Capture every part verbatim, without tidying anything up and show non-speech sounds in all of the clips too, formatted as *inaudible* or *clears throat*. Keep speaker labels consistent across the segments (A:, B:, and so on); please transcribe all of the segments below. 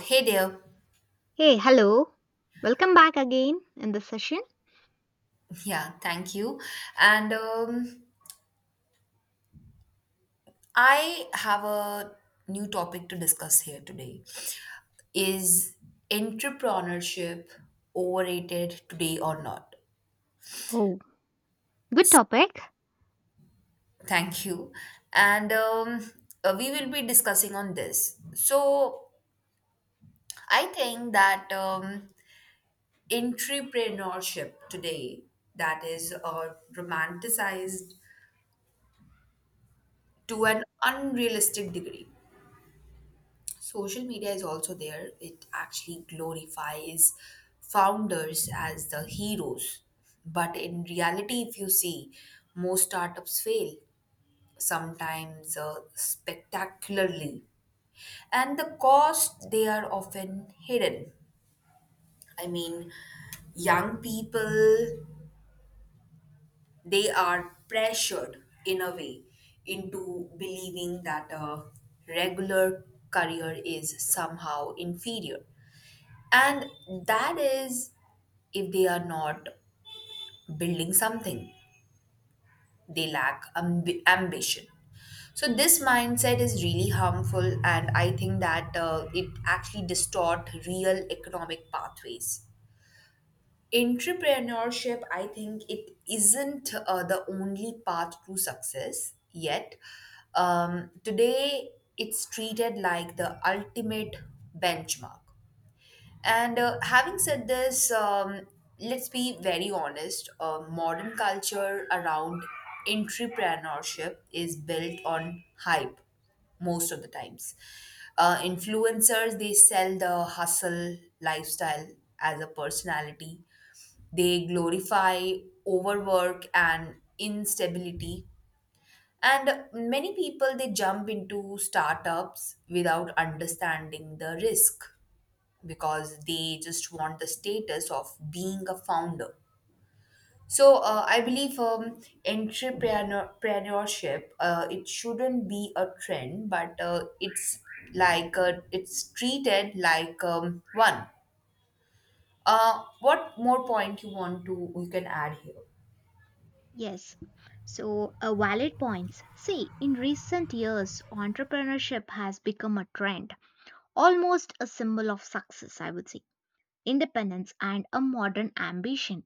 A: Hey there.
B: Hey, hello. Welcome back again in this session.
A: Yeah, thank you. And um, I have a new topic to discuss here today. Is entrepreneurship overrated today or not?
B: Oh, good topic.
A: Thank you. And um, uh, We will be discussing on this. So I think that um, entrepreneurship today that is uh, romanticized to an unrealistic degree. Social media is also there, it actually glorifies founders as the heroes, but in reality if you see, most startups fail, sometimes uh, spectacularly, and the cost they are often hidden. I mean, young people, they are pressured in a way into believing that a regular career is somehow inferior. And that is, if they are not building something, they lack amb- ambition. So this mindset is really harmful, and I think that uh, it actually distort real economic pathways. Entrepreneurship, I think it isn't uh, the only path to success yet. Um, today, it's treated like the ultimate benchmark. And uh, Having said this, um, let's be very honest. Uh, modern culture around entrepreneurship is built on hype most of the times. Uh, influencers, they sell the hustle lifestyle as a personality. They glorify overwork and instability. And many people, they jump into startups without understanding the risk because they just want the status of being a founder. So uh, I believe um, entrepreneurship, uh, it shouldn't be a trend, but uh, it's like uh, it's treated like um, one. Uh, what more point you want to you can add here?
B: Yes. So, a valid points. See, in recent years, entrepreneurship has become a trend, almost a symbol of success, I would say, independence, and a modern ambition.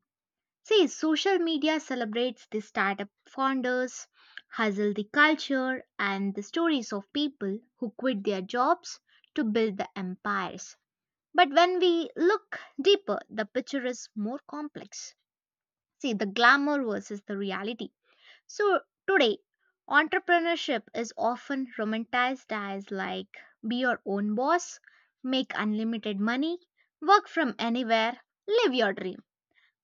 B: See, social media celebrates the startup founders, hustle the culture, and the stories of people who quit their jobs to build the empires. But when we look deeper, the picture is more complex. See, the glamour versus the reality. So, today, entrepreneurship is often romanticized as like be your own boss, make unlimited money, work from anywhere, live your dream.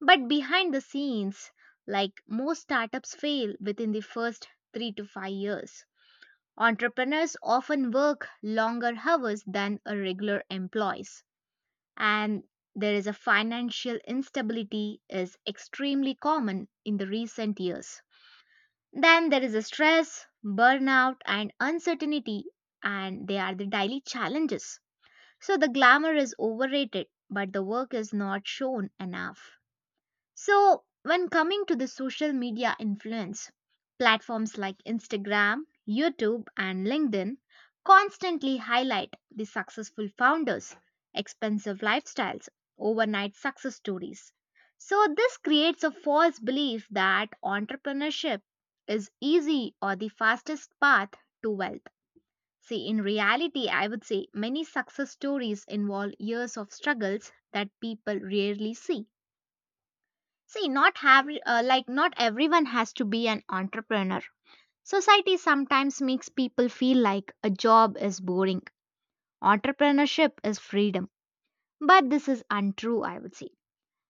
B: But behind the scenes, like most startups fail within the first three to five years. Entrepreneurs often work longer hours than a regular employees, and there is a financial instability is extremely common in the recent years. Then there is a stress, burnout and uncertainty, and they are the daily challenges. So the glamour is overrated, but the work is not shown enough. So, when coming to the social media influence, platforms like Instagram, YouTube, and LinkedIn constantly highlight the successful founders, expensive lifestyles, overnight success stories. So, this creates a false belief that entrepreneurship is easy or the fastest path to wealth. See, in reality, I would say many success stories involve years of struggles that people rarely see. See, not have uh, like not everyone has to be an entrepreneur. Society sometimes makes people feel like a job is boring. Entrepreneurship is freedom. But this is untrue, I would say.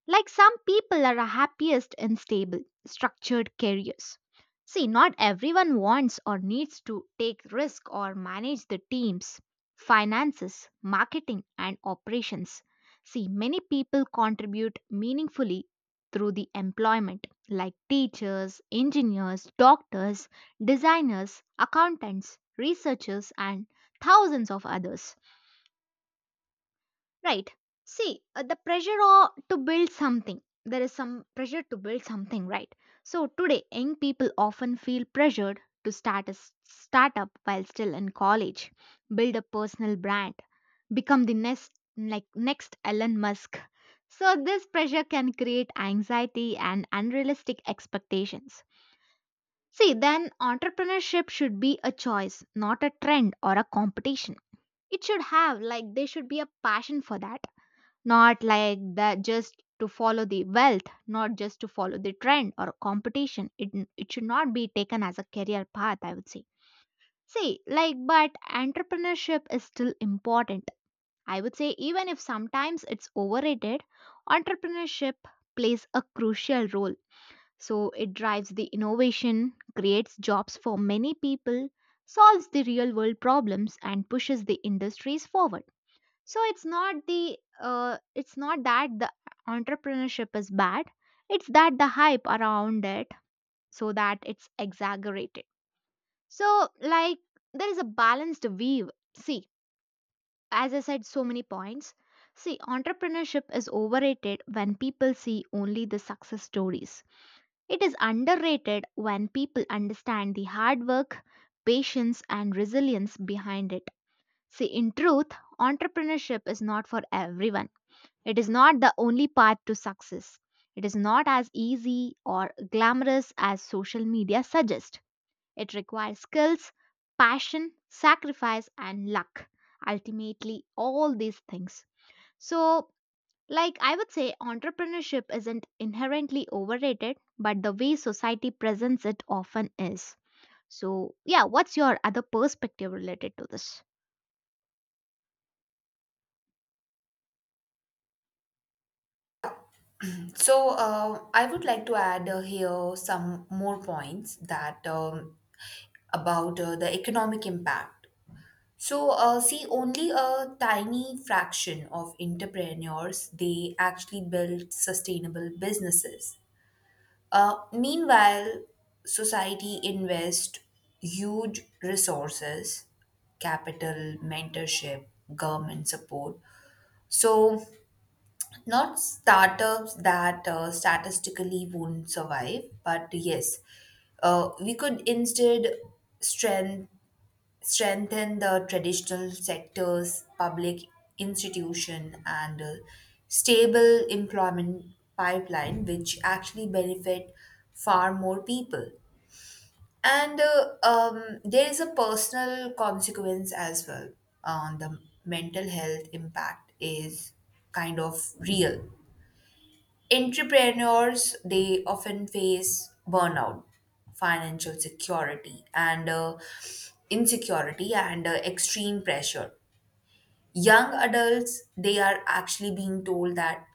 B: Like some people are happiest in stable, structured careers. See, not everyone wants or needs to take risk or manage the teams, finances, marketing and operations. See, many people contribute meaningfully through the employment like teachers, engineers, doctors, designers, accountants, researchers and thousands of others. Right. See, uh, the pressure o- to build something. There is some pressure to build something, right? So today, young people often feel pressured to start a s- startup while still in college, build a personal brand, become the next like next Elon Musk. So this pressure can create anxiety and unrealistic expectations. See, then entrepreneurship should be a choice, not a trend or a competition. It should have like there should be a passion for that, not like that just to follow the wealth, not just to follow the trend or competition. It, it should not be taken as a career path, I would say. See, like, but entrepreneurship is still important, I would say. Even if sometimes it's overrated, entrepreneurship plays a crucial role. So it drives the innovation, creates jobs for many people, solves the real world problems and pushes the industries forward. So it's not the, uh, it's not that the entrepreneurship is bad, it's that the hype around it, so that it's exaggerated. So like, there is a balanced weave. See, as I said, so many points. See, entrepreneurship is overrated when people see only the success stories. It is underrated when people understand the hard work, patience and resilience behind it. See, in truth, entrepreneurship is not for everyone. It is not the only path to success. It is not as easy or glamorous as social media suggests. It requires skills, passion, sacrifice, and luck. Ultimately, all these things. So, like I would say, entrepreneurship isn't inherently overrated, but the way society presents it often is. So, yeah, what's your other perspective related to this?
A: So uh, I would like to add uh, here some more points that um, about uh, the economic impact. So, uh, see, only a tiny fraction of entrepreneurs they actually build sustainable businesses. Uh, meanwhile, society invests huge resources, capital, mentorship, government support. So, not startups that uh, statistically won't survive, but yes, uh, we could instead strengthen strengthen the traditional sectors, public institution, and a stable employment pipeline, which actually benefit far more people. And uh, um, There is a personal consequence as well uh, on the mental health impact is kind of real. Entrepreneurs they often face burnout, financial security and uh, insecurity and uh, extreme pressure. Young adults they are actually being told that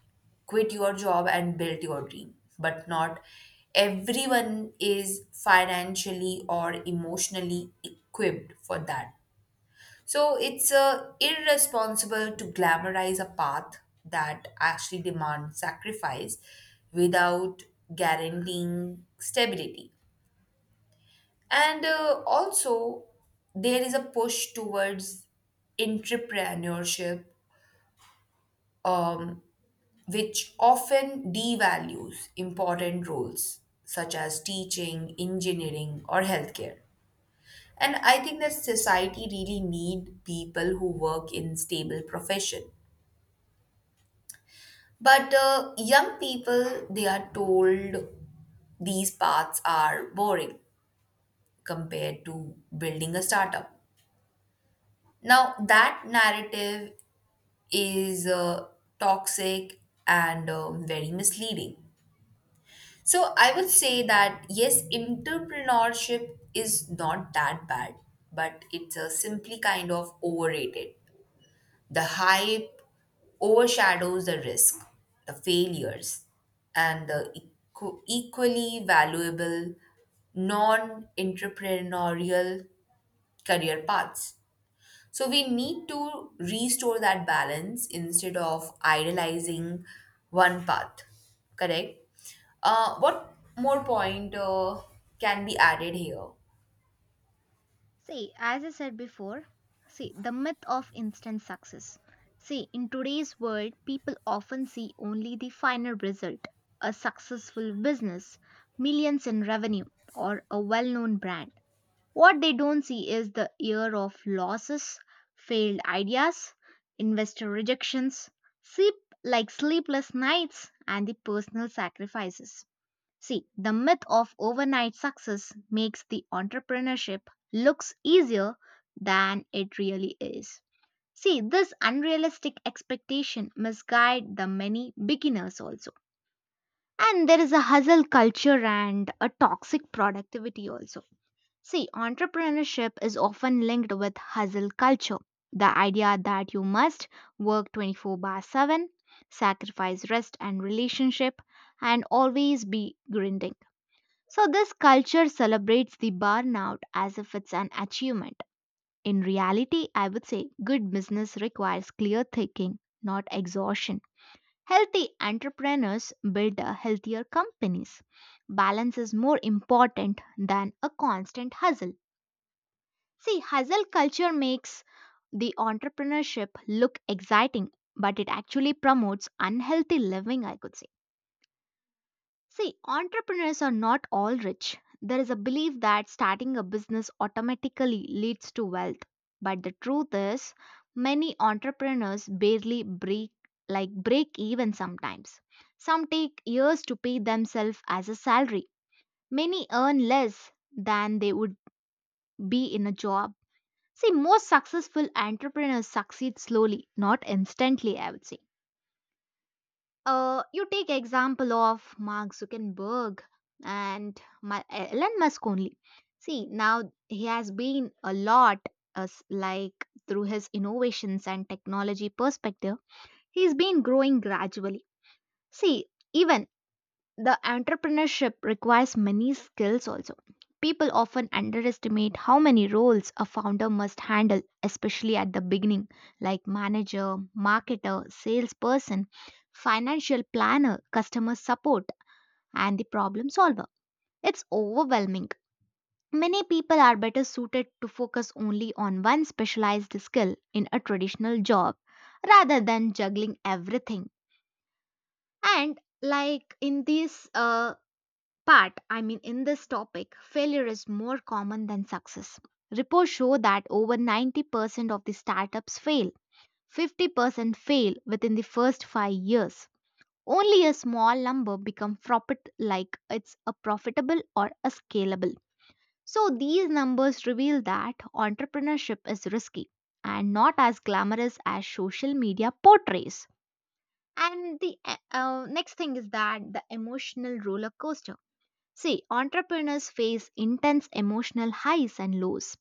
A: quit your job and build your dream, but not everyone is financially or emotionally equipped for that. So it's uh, irresponsible to glamorize a path that actually demands sacrifice without guaranteeing stability. And uh, Also, there is a push towards entrepreneurship, um, which often devalues important roles such as teaching, engineering, or healthcare. And I think that society really need people who work in stable profession. But uh, young people, they are told these paths are boring compared to building a startup. Now, that narrative is uh, toxic and uh, very misleading. So, I would say that yes, entrepreneurship is not that bad, but it's uh, simply kind of overrated. The hype overshadows the risk, the failures, and the equ- equally valuable non entrepreneurial career paths. So, we need to restore that balance instead of idealizing one path, correct? Uh, what more point uh, can be added here?
B: See, as I said before, see, the myth of instant success. See, in today's world, people often see only the final result, a successful business, millions in revenue, or a well known brand. What they don't see is the year of losses, failed ideas, investor rejections, sleep like sleepless nights, and the personal sacrifices. See, the myth of overnight success makes the entrepreneurship looks easier than it really is. See, this unrealistic expectation misguide the many beginners also. And there is a hustle culture and a toxic productivity also. See, entrepreneurship is often linked with hustle culture. The idea that you must work twenty-four by seven, sacrifice rest and relationship, and always be grinding. So, this culture celebrates the burnout as if it's an achievement. In reality, I would say good business requires clear thinking, not exhaustion. Healthy entrepreneurs build a healthier companies. Balance is more important than a constant hustle. See, hustle culture makes the entrepreneurship look exciting, but it actually promotes unhealthy living, I could say. See, entrepreneurs are not all rich. There is a belief that starting a business automatically leads to wealth. But the truth is, many entrepreneurs barely break like break even sometimes. Some take years to pay themselves as a salary. Many earn less than they would be in a job. See, most successful entrepreneurs succeed slowly, not instantly, I would say. Uh, you take example of Mark Zuckerberg and Ma- Elon Musk only. See, now he has been a lot, as like through his innovations and technology perspective, he's been growing gradually. See, even the entrepreneurship requires many skills also. People often underestimate how many roles a founder must handle, especially at the beginning, like manager, marketer, salesperson, financial planner, customer support, and the problem solver. It's overwhelming. Many people are better suited to focus only on one specialized skill in a traditional job rather than juggling everything. And like in this uh, But I mean, in this topic, failure is more common than success. Reports show that over ninety percent of the startups fail, fifty percent fail within the first five years. Only a small number become profit like it's a profitable or a scalable. So these numbers reveal that entrepreneurship is risky and not as glamorous as social media portrays. And the, uh, uh, next thing is that the emotional roller coaster. See, entrepreneurs face intense emotional highs and lows.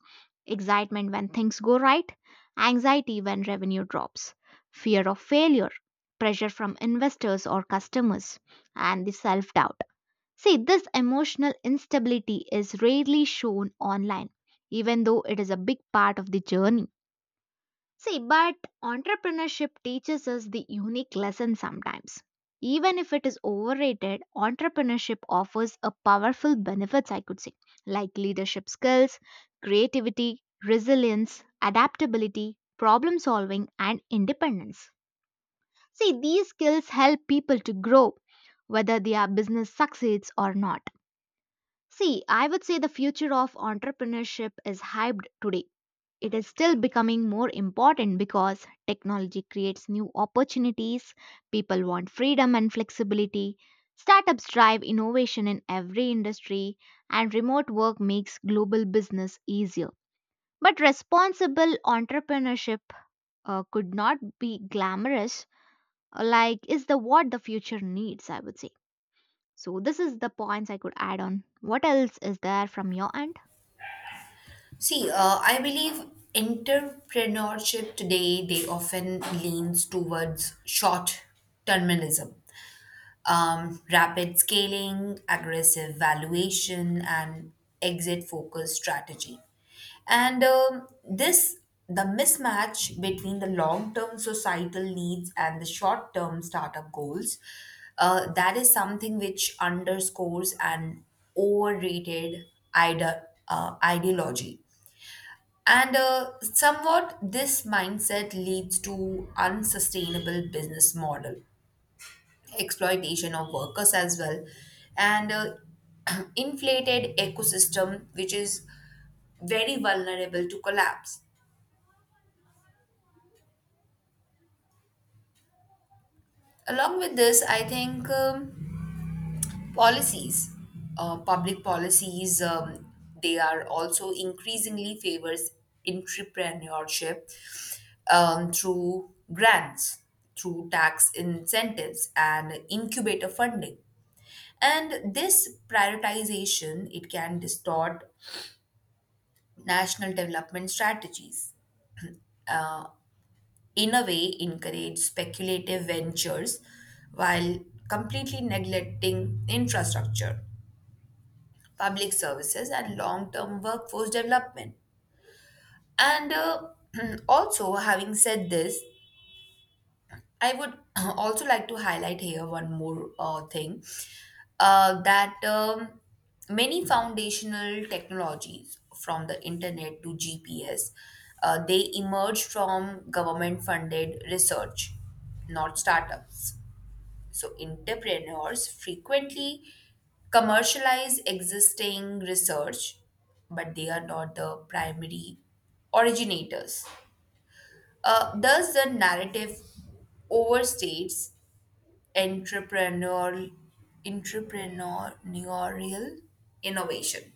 B: Excitement when things go right, anxiety when revenue drops, fear of failure, pressure from investors or customers, and the self doubt. See, this emotional instability is rarely shown online, even though it is a big part of the journey. See, but entrepreneurship teaches us the unique lesson sometimes. Even if it is overrated, entrepreneurship offers a powerful benefits, I could say, like leadership skills, creativity, resilience, adaptability, problem solving, and independence. See, these skills help people to grow, whether their business succeeds or not. See, I would say the future of entrepreneurship is hyped today, it is still becoming more important because technology creates new opportunities, people want freedom and flexibility, startups drive innovation in every industry, and remote work makes global business easier. But responsible entrepreneurship, uh, could not be glamorous, uh, like is the what the future needs, I would say. So this is the points I could add on. What else is there from your end?
A: See, uh, I believe entrepreneurship today they often leans towards short terminism, um, rapid scaling, aggressive valuation, and exit focused strategy. And um, This the mismatch between the long term societal needs and the short term startup goals. Uh, that is something which underscores an overrated ide- uh, ideology, and uh, somewhat this mindset leads to unsustainable business model, exploitation of workers as well, and uh, *clears throat* inflated ecosystem which is very vulnerable to collapse. Along with this, I think um, policies, uh, public policies, um, they are also increasingly favors entrepreneurship um, through grants, through tax incentives, and incubator funding. And this prioritization it can distort national development strategies. In a way, encourage speculative ventures while completely neglecting infrastructure, public services, and long-term workforce development. And uh, *clears throat* also, having said this, I would *clears throat* also like to highlight here one more uh, thing uh, that um, many foundational technologies, from the internet to G P S, uh, they emerge from government funded research, not startups. So, entrepreneurs frequently commercialize existing research, but they are not the primary originators. Uh, thus, the narrative overstates entrepreneurial entrepreneurial innovation.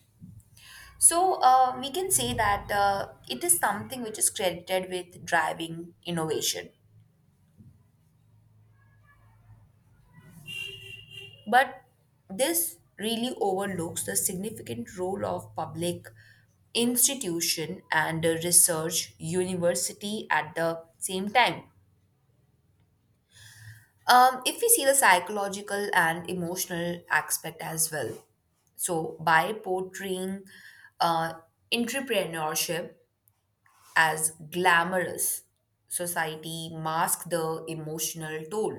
A: So uh, we can say that uh, it is something which is credited with driving innovation, but this really overlooks the significant role of public institution and uh, research university at the same time. Um, if we see the psychological and emotional aspect as well, so by portraying uh, entrepreneurship as glamorous, society masks the emotional toll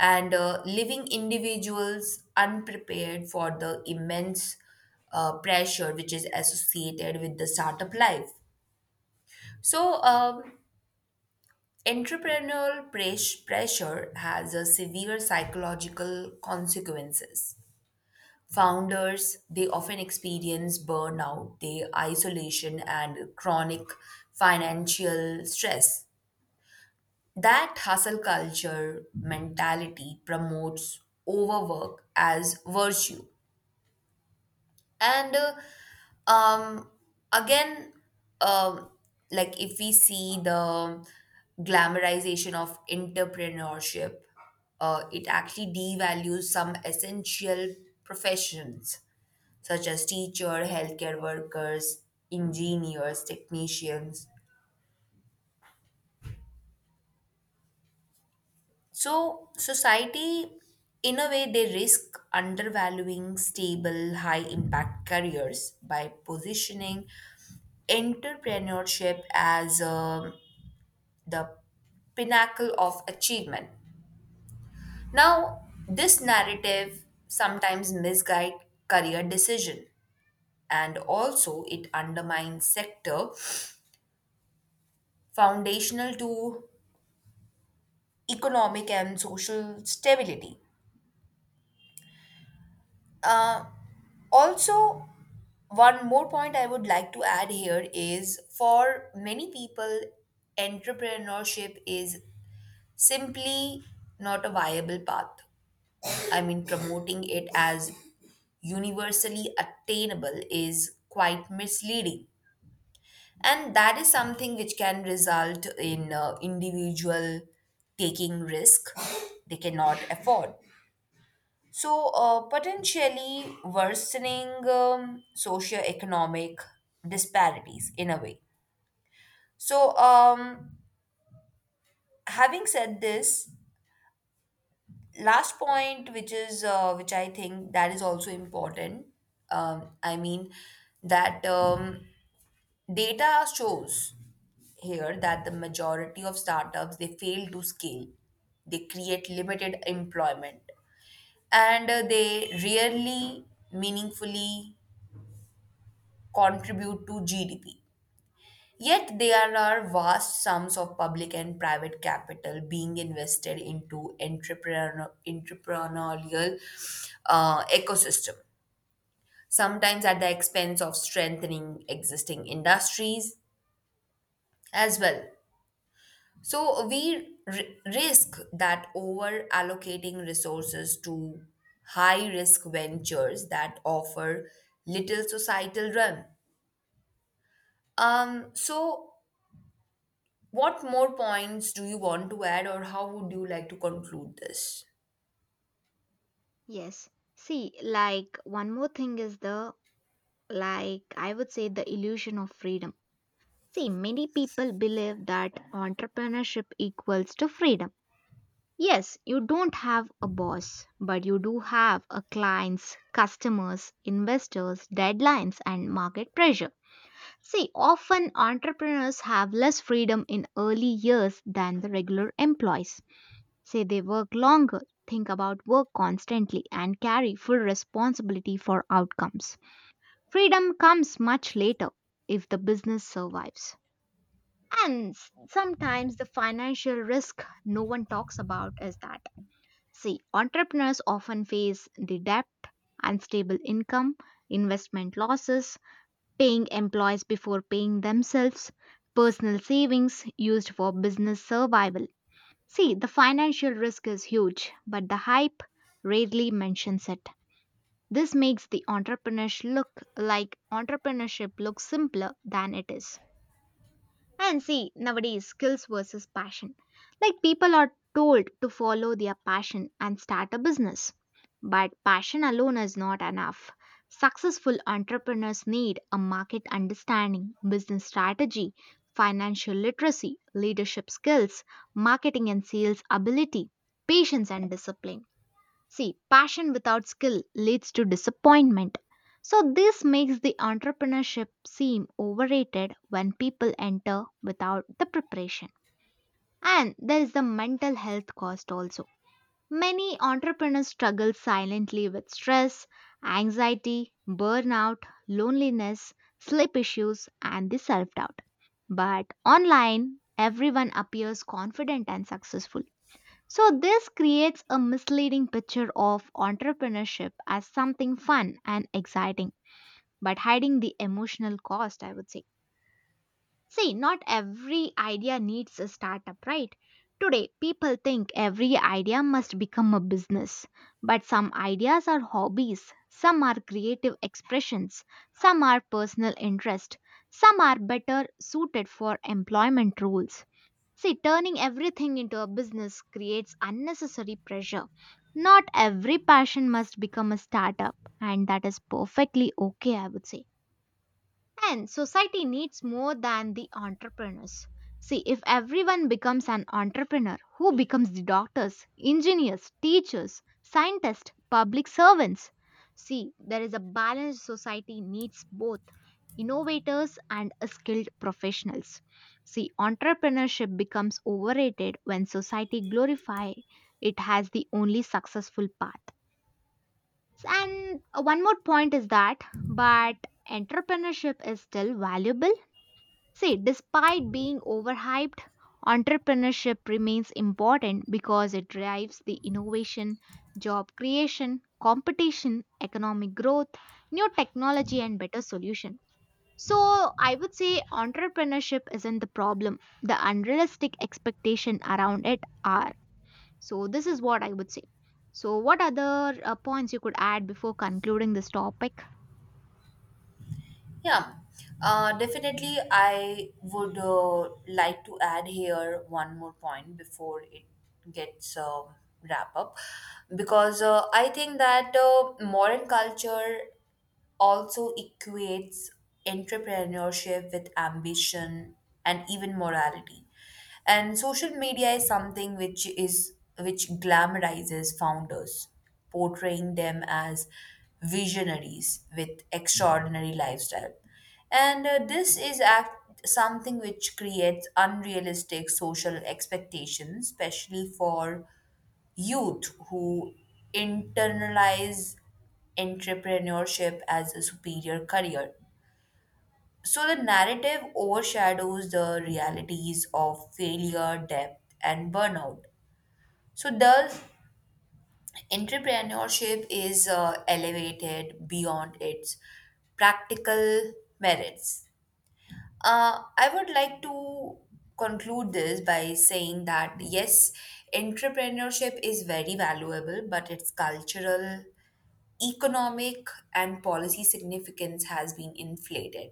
A: and uh, leaving individuals unprepared for the immense uh, pressure which is associated with the startup life. So, um, entrepreneurial pres- pressure has a severe psychological consequences. Founders, they often experience burnout, they isolation and chronic financial stress. That hustle culture mentality promotes overwork as virtue and uh, um again um like if we see the glamorization of entrepreneurship, uh, it actually devalues some essential professions such as teacher, healthcare workers, engineers, technicians. So society, in a way they risk undervaluing stable high impact careers by positioning entrepreneurship as um, the pinnacle of achievement. Now, this narrative sometimes misguides career decision, and also it undermines sector foundational to economic and social stability. Uh, Also, one more point I would like to add here is for many people, entrepreneurship is simply not a viable path. I mean, promoting it as universally attainable is quite misleading. And that is something which can result in uh, individual taking risk they cannot afford. So, uh, potentially worsening um, socioeconomic disparities in a way. So, um, having said this, last point which is uh, which I think that is also important, um, I mean that um, data shows here that the majority of startups they fail to scale, they create limited employment, and uh, they rarely meaningfully contribute to GDP. Yet there are vast sums of public and private capital being invested into entrepreneur, entrepreneurial uh, ecosystem, sometimes at the expense of strengthening existing industries as well. So we r- risk that over allocating resources to high risk ventures that offer little societal run. Um, so what more points do you want to add, or how would you like to conclude this?
B: Yes. See, like one more thing is the, like I would say, the illusion of freedom. See, many people believe that entrepreneurship equals to freedom. Yes, you don't have a boss, but you do have a clients, customers, investors, deadlines and market pressure. See, often entrepreneurs have less freedom in early years than the regular employees. Say they work longer, think about work constantly and carry full responsibility for outcomes. Freedom comes much later if the business survives. And s- sometimes the financial risk no one talks about is that. See, entrepreneurs often face the debt, unstable income, investment losses, paying employees before paying themselves, personal savings used for business survival. See, the financial risk is huge, but the hype rarely mentions it. This makes the entrepreneurship look like entrepreneurship looks simpler than it is. And see, nowadays skills versus passion. Like people are told to follow their passion and start a business. But passion alone is not enough. Successful entrepreneurs need a market understanding, business strategy, financial literacy, leadership skills, marketing and sales ability, patience and discipline. See, passion without skill leads to disappointment. So, this makes the entrepreneurship seem overrated when people enter without the preparation. And there is the mental health cost also. Many entrepreneurs struggle silently with stress, anxiety, burnout, loneliness, sleep issues, and the self doubt. But online, everyone appears confident and successful. So, this creates a misleading picture of entrepreneurship as something fun and exciting, but hiding the emotional cost, I would say. See, not every idea needs a startup, right? Today, people think every idea must become a business, but some ideas are hobbies, some are creative expressions, some are personal interest, some are better suited for employment roles. See, turning everything into a business creates unnecessary pressure. Not every passion must become a startup, and that is perfectly okay, I would say. And society needs more than the entrepreneurs. See, if everyone becomes an entrepreneur, who becomes the doctors, engineers, teachers, scientists, public servants? See, there is a balanced society needs both innovators and skilled professionals. See, entrepreneurship becomes overrated when society glorify it as the only successful path. And one more point is that, but entrepreneurship is still valuable. See, despite being overhyped, entrepreneurship remains important because it drives the innovation, job creation, competition, economic growth, new technology, and better solution. So, I would say entrepreneurship isn't the problem. The unrealistic expectation around it are. So, this is what I would say. So, what other uh, points you could add before concluding this topic?
A: Yeah, uh, definitely. I would uh, like to add here one more point before it gets uh, wrap up, because uh, I think that uh, modern culture also equates entrepreneurship with ambition and even morality. And social media is something which is which glamorizes founders, portraying them as visionaries with extraordinary lifestyle. And uh, This is act something which creates unrealistic social expectations, especially for youth who internalize entrepreneurship as a superior career. So the narrative overshadows the realities of failure, debt, and burnout. So thus, entrepreneurship is uh, elevated beyond its practical merits. Uh, I would like to conclude this by saying that yes, entrepreneurship is very valuable, but its cultural, economic and policy significance has been inflated.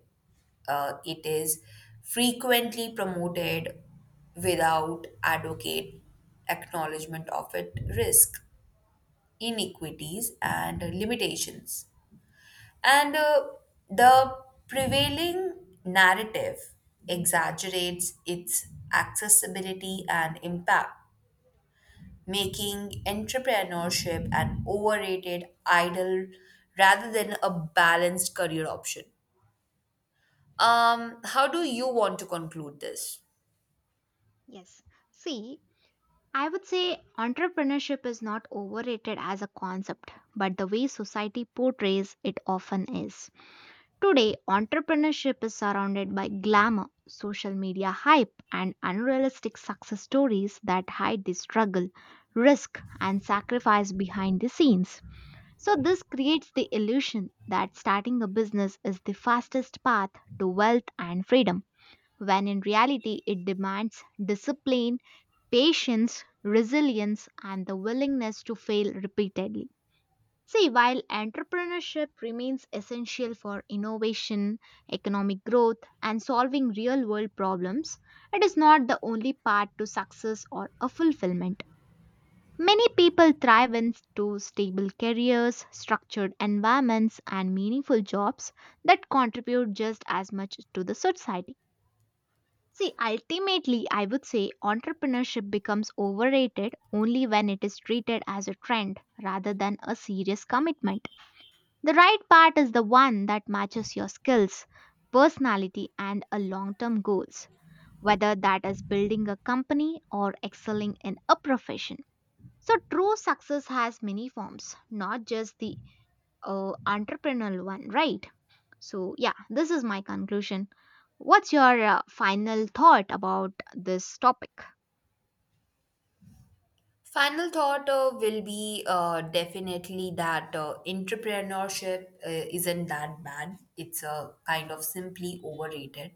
A: Uh, it is frequently promoted without adequate acknowledgement of its risk, inequities, and limitations. And uh, The prevailing narrative exaggerates its accessibility and impact, making entrepreneurship an overrated idol rather than a balanced career option. Um, how do you want to conclude this?
B: Yes. See, I would say entrepreneurship is not overrated as a concept, but the way society portrays it often is. Today, entrepreneurship is surrounded by glamour, social media hype, and unrealistic success stories that hide the struggle, risk, and sacrifice behind the scenes. So, this creates the illusion that starting a business is the fastest path to wealth and freedom, when in reality, it demands discipline, patience, resilience, and the willingness to fail repeatedly. See, while entrepreneurship remains essential for innovation, economic growth, and solving real world problems, it is not the only path to success or a fulfillment. Many people thrive into stable careers, structured environments, and meaningful jobs that contribute just as much to the society. See, ultimately, I would say entrepreneurship becomes overrated only when it is treated as a trend rather than a serious commitment. The right part is the one that matches your skills, personality, and a long term goals, whether that is building a company or excelling in a profession. So, true success has many forms, not just the, uh, entrepreneurial one, right? So, yeah, this is my conclusion. What's your uh, final thought about this topic?
A: Final thought uh, will be uh, definitely that uh, entrepreneurship uh, isn't that bad. It's uh, kind of simply overrated.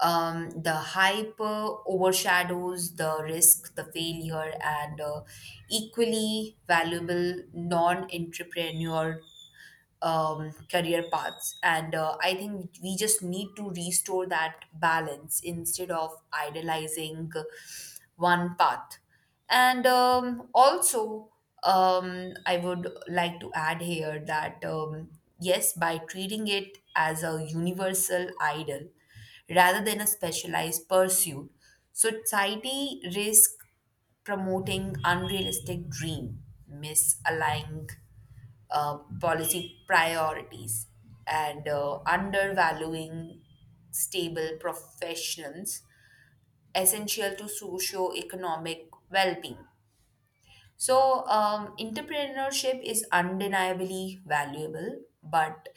A: Um, the hype uh, overshadows the risk, the failure, and uh, equally valuable non entrepreneur um, career paths. And uh, I think we just need to restore that balance instead of idolizing one path. And um, Also, um, I would like to add here that um, yes, by treating it as a universal idol rather than a specialized pursuit, society risk promoting unrealistic dream, misaligning uh, policy priorities, and uh, undervaluing stable professions essential to socio-economic well-being. So, um, entrepreneurship is undeniably valuable, but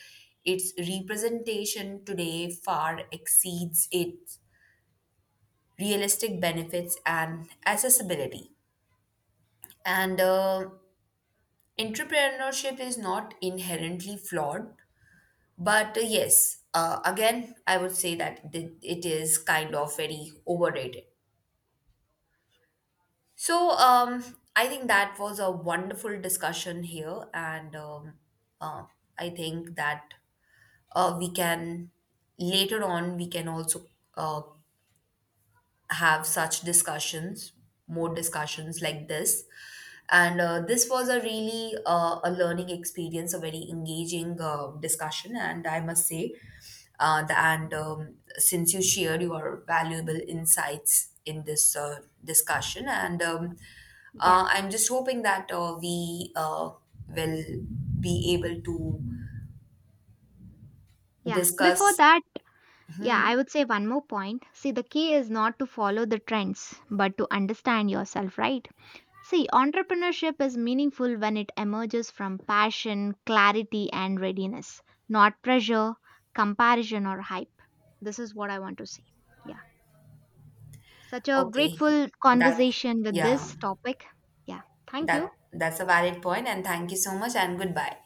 A: its representation today far exceeds its realistic benefits and accessibility. And uh, Entrepreneurship is not inherently flawed, but uh, yes, uh, again, I would say that th- it is kind of very overrated. So, um, I think that was a wonderful discussion here, and um, uh, I think that uh, we can later on we can also uh, have such discussions, more discussions like this. And uh, This was a really uh, a learning experience, a very engaging uh, discussion. And I must say, uh, the, and um, since you shared your valuable insights in this uh, discussion, and um,
B: Yeah,
A: uh, I'm just hoping that uh, we uh, will be able to
B: yeah. Before
A: discuss.
B: that, yeah, I would say one more point. See, the key is not to follow the trends, but to understand yourself, right? See, entrepreneurship is meaningful when it emerges from passion, clarity, and readiness, not pressure, comparison, or hype. This is what I want to say. Yeah. Such a
A: Okay,
B: grateful
A: that
B: conversation with
A: yeah.
B: this topic. Yeah. Thank
A: That
B: you.
A: that's a valid point, and thank you so much, and goodbye.